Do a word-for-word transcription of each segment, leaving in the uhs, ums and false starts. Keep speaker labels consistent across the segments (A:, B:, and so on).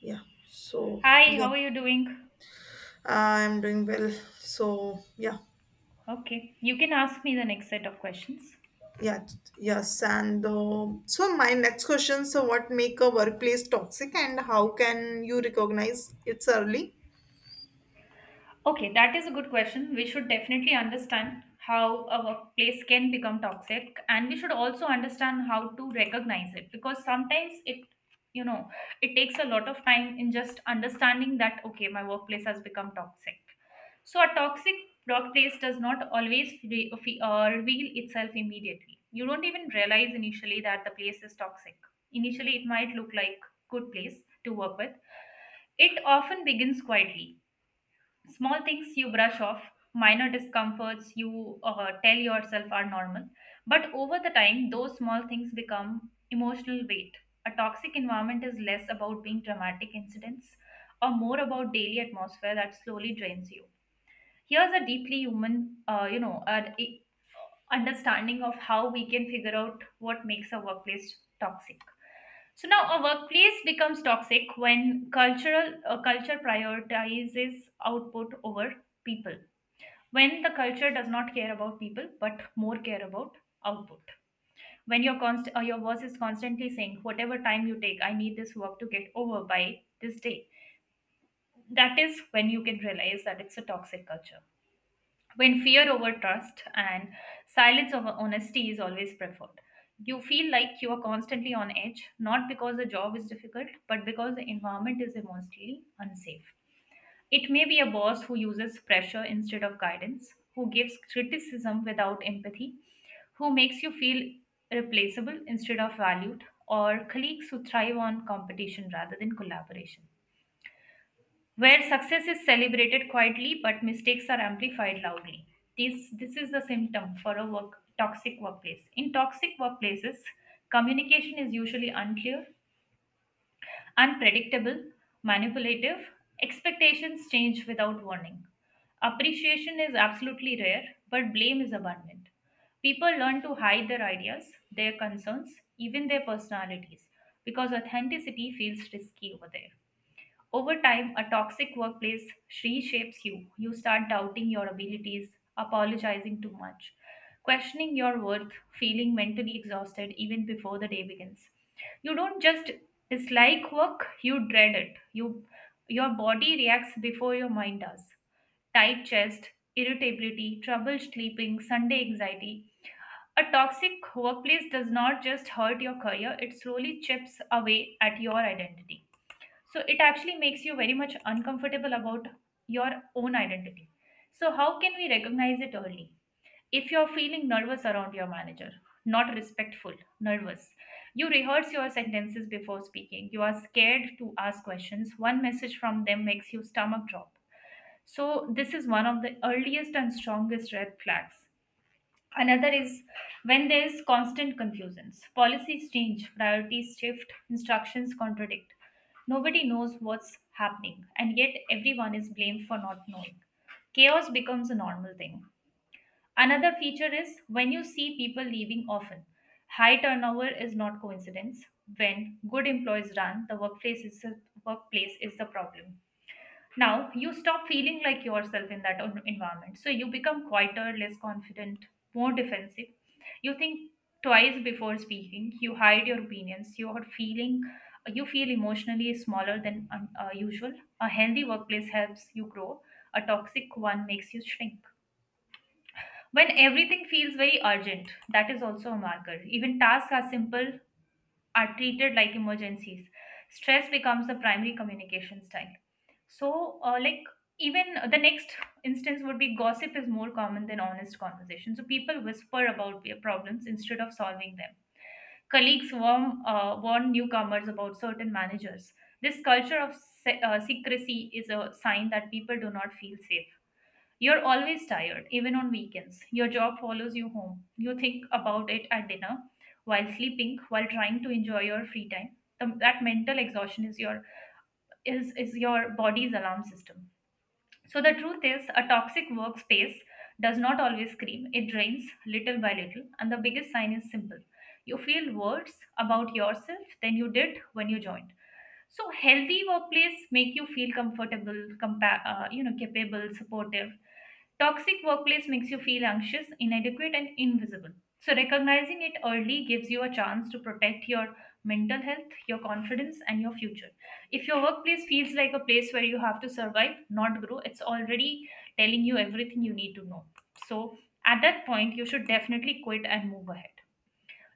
A: Yeah. So
B: Hi,
A: yeah,
B: how are you doing?
A: I'm doing well. So yeah,
B: Okay, you can ask me the next set of questions.
A: yeah, yes. And uh, so my next question: so what make a workplace toxic, and how can you recognize it's early?
B: Okay, that is a good question. We should definitely understand how a workplace can become toxic, and we should also understand how to recognize it because sometimes it, you know, it takes a lot of time in just understanding that, okay, my workplace has become toxic. So, a toxic workplace does not always re- fe- uh, reveal itself immediately. You don't even realize initially that the place is toxic. Initially, it might look like good place to work with. It often begins quietly, small things you brush off, minor discomforts you uh, tell yourself are normal, but over the time those small things become emotional weight. A toxic environment is less about being dramatic incidents or more about daily atmosphere that slowly drains you. Here's a deeply human uh, you know an i- understanding of how we can figure out what makes a workplace toxic. So now a workplace becomes toxic when cultural uh, culture prioritizes output over people, when the culture does not care about people but more care about output, when your const- uh, your boss is constantly saying whatever time you take, I need this work to get over by this day. That is when you can realize that it's a toxic culture, when fear over trust and silence over honesty is always preferred. You feel like you are constantly on edge, not because the job is difficult, but because the environment is emotionally unsafe. It may be a boss who uses pressure instead of guidance, who gives criticism without empathy, who makes you feel replaceable instead of valued, or colleagues who thrive on competition rather than collaboration, where success is celebrated quietly but mistakes are amplified loudly. This, this is the symptom for a work, toxic workplace. In toxic workplaces, communication is usually unclear, unpredictable, manipulative. Expectations change without warning. Appreciation is absolutely rare, but blame is abundant. People learn to hide their ideas, their concerns, even their personalities, because authenticity feels risky over there. Over time, a toxic workplace reshapes you. You start doubting your abilities, apologizing too much, questioning your worth, feeling mentally exhausted even before the day begins. You don't just dislike work, you dread it. You, your body reacts before your mind does. Tight chest, irritability, trouble sleeping, Sunday anxiety. A toxic workplace does not just hurt your career, it slowly chips away at your identity, so it actually makes you very much uncomfortable about your own identity. So how can we recognize it early? If you're feeling nervous around your manager, not respectful, nervous, you rehearse your sentences before speaking, you are scared to ask questions, one message from them makes you stomach drop, so this is one of the earliest and strongest red flags. Another is when there is constant confusions. Policies change, priorities shift, instructions contradict. Nobody knows what's happening, and yet everyone is blamed for not knowing. Chaos becomes a normal thing. Another feature is when you see people leaving often. High turnover is not coincidence. When good employees run, the workplace is the workplace is the problem. Now, you stop feeling like yourself in that en- environment. So, you become quieter, less confident, more defensive. You think twice before speaking. You hide your opinions. You are feeling, you feel emotionally smaller than un- uh, usual. A healthy workplace helps you grow. A toxic one makes you shrink. When everything feels very urgent, that is also a marker. Even tasks are simple, are treated like emergencies. Stress becomes the primary communication style. So, uh, like, even the next instance would be, gossip is more common than honest conversation. So, people whisper about their problems instead of solving them. Colleagues warn, uh, warn newcomers about certain managers. This culture of se- uh, secrecy is a sign that people do not feel safe. You're always tired, even on weekends. Your job follows you home. You think about it at dinner, while sleeping, while trying to enjoy your free time. The, that mental exhaustion is your is is your body's alarm system. So the truth is, a toxic workspace does not always scream. It drains little by little, and the biggest sign is simple: you feel worse about yourself than you did when you joined. So healthy workplace make you feel comfortable, compa- uh, you know, capable, supportive. Toxic workplace makes you feel anxious, inadequate, and invisible. So recognizing it early gives you a chance to protect your mental health, your confidence, and your future. If your workplace feels like a place where you have to survive, not grow, it's already telling you everything you need to know. So at that point, you should definitely quit and move ahead.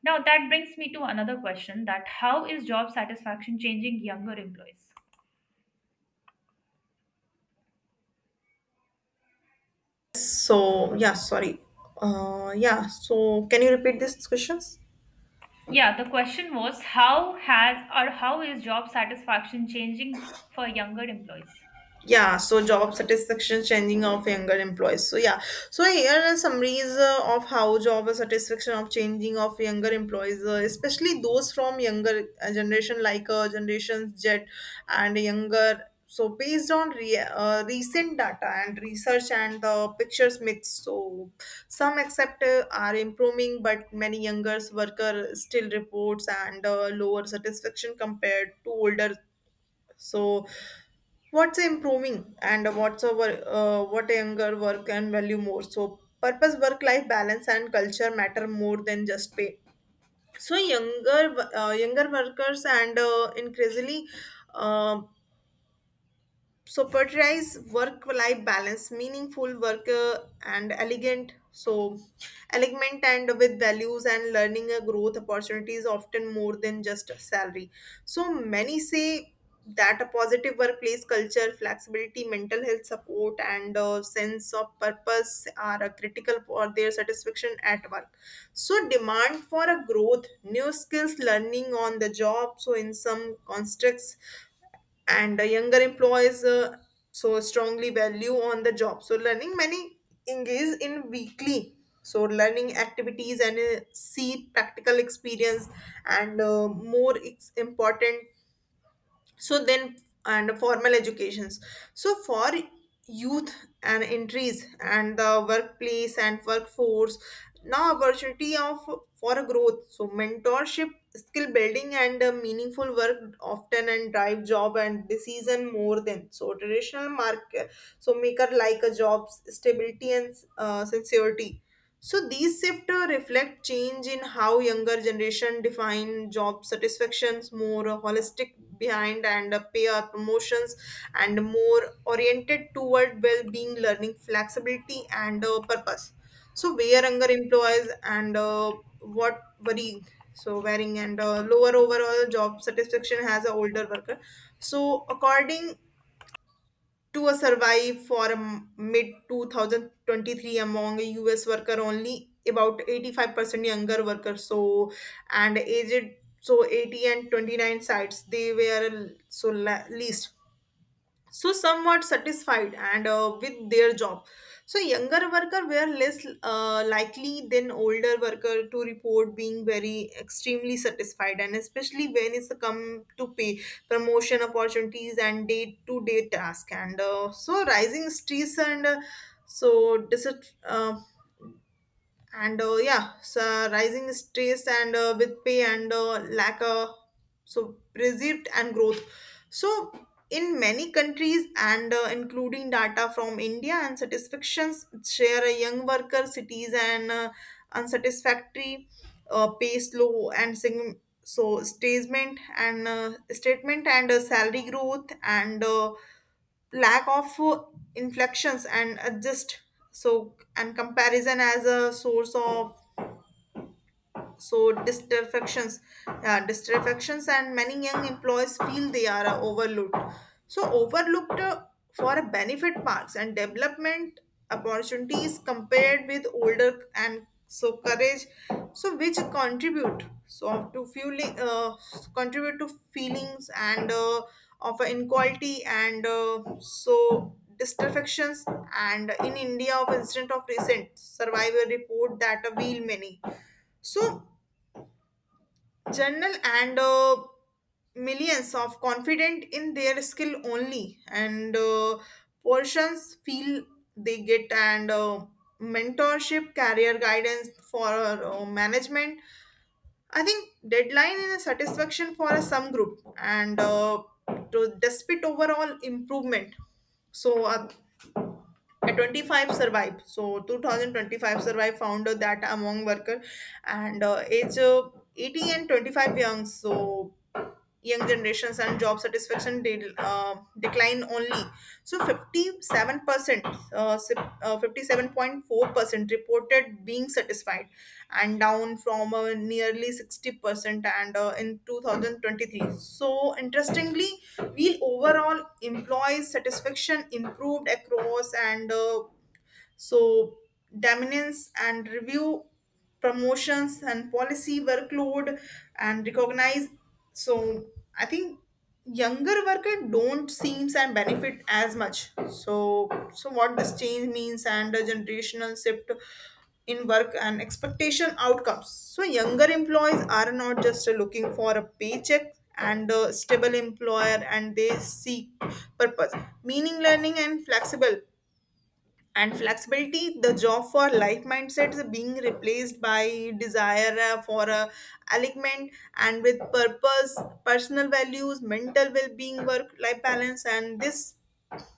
B: Now that brings me to another question, that how is job satisfaction changing younger employees?
A: So yeah, sorry. Uh, yeah. So can you repeat these questions?
B: Yeah, the question was how has or how is job satisfaction changing for younger employees?
A: Yeah, so job satisfaction changing of younger employees, so yeah, so here are summaries uh, of how job satisfaction of changing of younger employees uh, especially those from younger uh, generation, like uh, generations Z and younger. So based on re- uh, recent data and research, and the pictures mix. So some except uh, are improving, but many younger worker still reports and uh, lower satisfaction compared to older. So what's improving and what's our uh, what younger work and value more. So purpose, work life balance, and culture matter more than just pay. So younger, uh, younger workers and uh, increasingly, uh, so prioritize work life balance, meaningful work, uh, and elegant. So alignment and with values and learning a growth opportunities, often more than just a salary. So many say that a positive workplace culture, flexibility, mental health support, and uh sense of purpose are uh, critical for their satisfaction at work. So demand for a growth, new skills, learning on the job. So in some constructs and the younger employees uh, so strongly value on the job, so learning. Many engage in weekly so learning activities, and uh, see practical experience, and uh, more it's important. So then and formal educations. So for youth and entries and the workplace and workforce, now opportunity of for a growth, so mentorship, skill building, and uh, meaningful work often and drive job and decision more than so traditional market. So maker like a jobs stability and uh, sincerity. So these shifts reflect change in how younger generation define job satisfactions, more holistic behind and uh, pay up promotions, and more oriented toward well-being, learning, flexibility, and uh, purpose. So where younger employees and uh, what worrying. So wearing and uh, lower overall job satisfaction has a older worker. So according to a survive for a m- mid two thousand twenty-three among U S worker, only about eighty-five percent younger workers, so and aged so eighty and twenty-nine sites they were so la- least so somewhat satisfied and uh, with their job. So younger worker were less uh, likely than older worker to report being very extremely satisfied, and especially when it's come to pay, promotion opportunities, and day to day task, and uh, so rising stress and uh, so dis- uh, and uh, yeah, so rising stress and uh, with pay and uh, lack of so perceived and growth. So in many countries and uh, including data from India, and satisfactions share a young worker cities and uh, unsatisfactory uh, pay slow and sing- so statement and uh, statement and uh, salary growth and uh, lack of uh, inflections and adjust. So and comparison as a source of so distractions, uh, distractions, and many young employees feel they are uh, overlooked, so overlooked uh, for a benefit marks and development opportunities compared with older and so courage, so which contribute so to fueling uh, contribute to feelings and uh, of inequality and uh, so distractions. And in India, of incident of recent survivor report that a wheel many, so general and uh, millions of confident in their skill only and uh, portions feel they get and uh, mentorship career guidance for uh, management. I think deadline is a satisfaction for some group and uh, to despite overall improvement. So uh, at twenty-five survive so two thousand twenty-five survive found that among worker and uh, age uh, eighty and twenty-five young, so young generations and job satisfaction de- uh, decline only. So fifty-seven percent, uh, si- uh, fifty-seven point four percent reported being satisfied, and down from uh, nearly sixty percent and uh, in two thousand twenty-three. So interestingly, we overall employees satisfaction improved across and. Uh, so dominance and review, promotions and policy workload and recognize. So I think younger worker don't seems and benefit as much. So so what this change means and the generational shift in work and expectation outcomes. So younger employees are not just looking for a paycheck and a stable employer, and they seek purpose, meaning, learning, and flexible, and flexibility. The job for life mindset is being replaced by desire uh, for a alignment and with purpose, personal values, mental well-being, work life balance. And this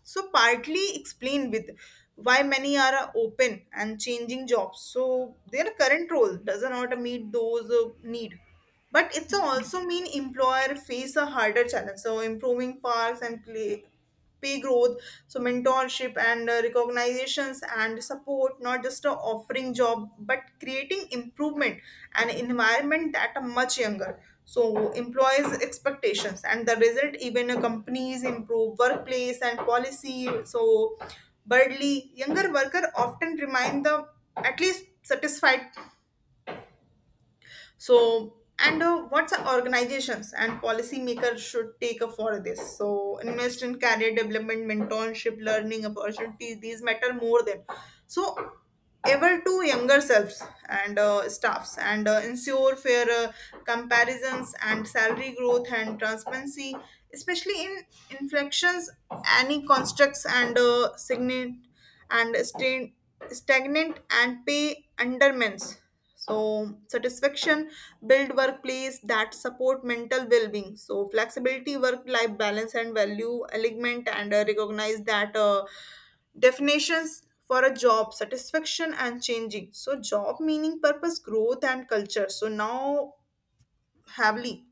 A: so partly explain with why many are uh, open and changing jobs, so their current role does not meet those uh, need. But it's also mean employer face a harder challenge, so improving parks and play, pay growth, so mentorship and uh, recognitions and support, not just uh, offering job but creating improvement and environment that are much younger. So employees expectations and the result even a companies improve workplace and policy. So Birdly, younger worker often remain the at least satisfied. So and uh, what's the organizations and policymakers should take up for this? So invest in career development, mentorship, learning opportunities. These matter more than so ever to younger selves and uh, staffs and uh, ensure fair uh, comparisons and salary growth and transparency, especially in inflections any constructs and uh, signet and stain- stagnant and pay undermines so satisfaction. Build workplace that support mental well-being, so flexibility, work life balance, and value alignment, and uh, recognize that uh, definitions for a job satisfaction and changing. So job meaning, purpose, growth, and culture so now heavily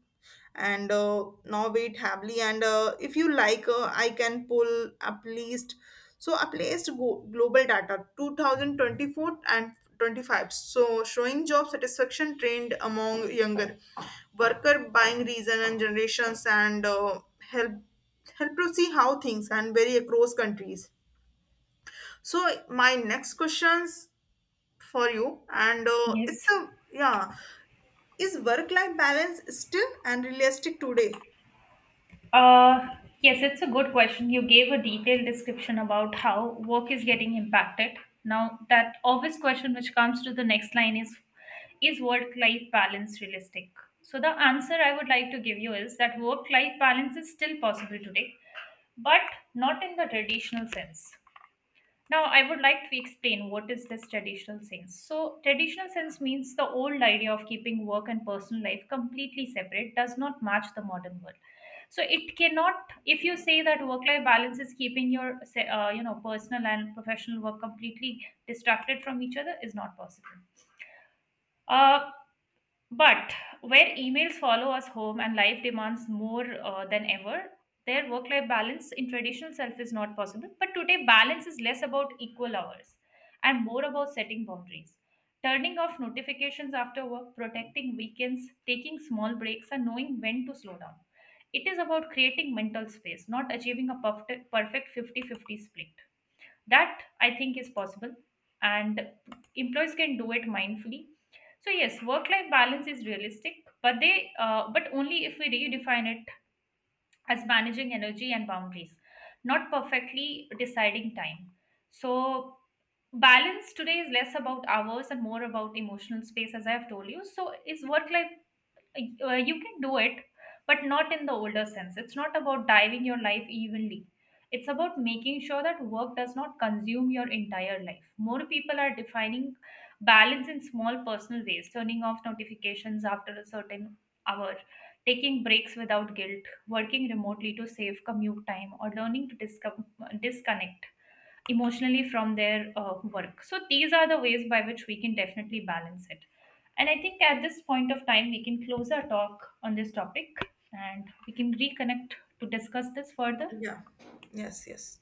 A: and uh, now wait heavily and uh, if you like, uh, I can pull up list so a placed go- global data two thousand twenty-four and twenty-five, so showing job satisfaction trend among younger worker, buying reason and generations, and uh, help help to see how things and vary across countries. So my next questions for you, and uh, it's
B: Yes.
A: a yeah, is work life balance still and realistic today?
B: Uh, yes, it's a good question. You gave a detailed description about how work is getting impacted. Now, that obvious question which comes to the next line is Is work life balance realistic? So, the answer I would like to give you is that work life balance is still possible today, but not in the traditional sense. Now, I would like to explain what is this traditional sense. So, traditional sense means the old idea of keeping work and personal life completely separate does not match the modern world. So, it cannot. If you say that work-life balance is keeping your, se- uh, you know, personal and professional work completely distracted from each other, is not possible. Uh, but where emails follow us home and life demands more uh, than ever, their work life balance in traditional self is not possible. But today, balance is less about equal hours and more about setting boundaries. Turning off notifications after work, protecting weekends, taking small breaks, and knowing when to slow down. It is about creating mental space, not achieving a perfect perfect fifty fifty split. That I think is possible, and employees can do it mindfully. So yes, work life balance is realistic, but they uh, but only if we redefine it as managing energy and boundaries, not perfectly deciding time. So balance today is less about hours and more about emotional space. As I have told you, so is work life, like, uh, you can do it, but not in the older sense. It's not about diving your life evenly, it's about making sure that work does not consume your entire life. More people are defining balance in small personal ways, turning off notifications after a certain hour, taking breaks without guilt, working remotely to save commute time, or learning to disco- disconnect emotionally from their uh, work. So these are the ways by which we can definitely balance it. And I think at this point of time, we can close our talk on this topic and we can reconnect to discuss this further.
A: Yeah. Yes, yes.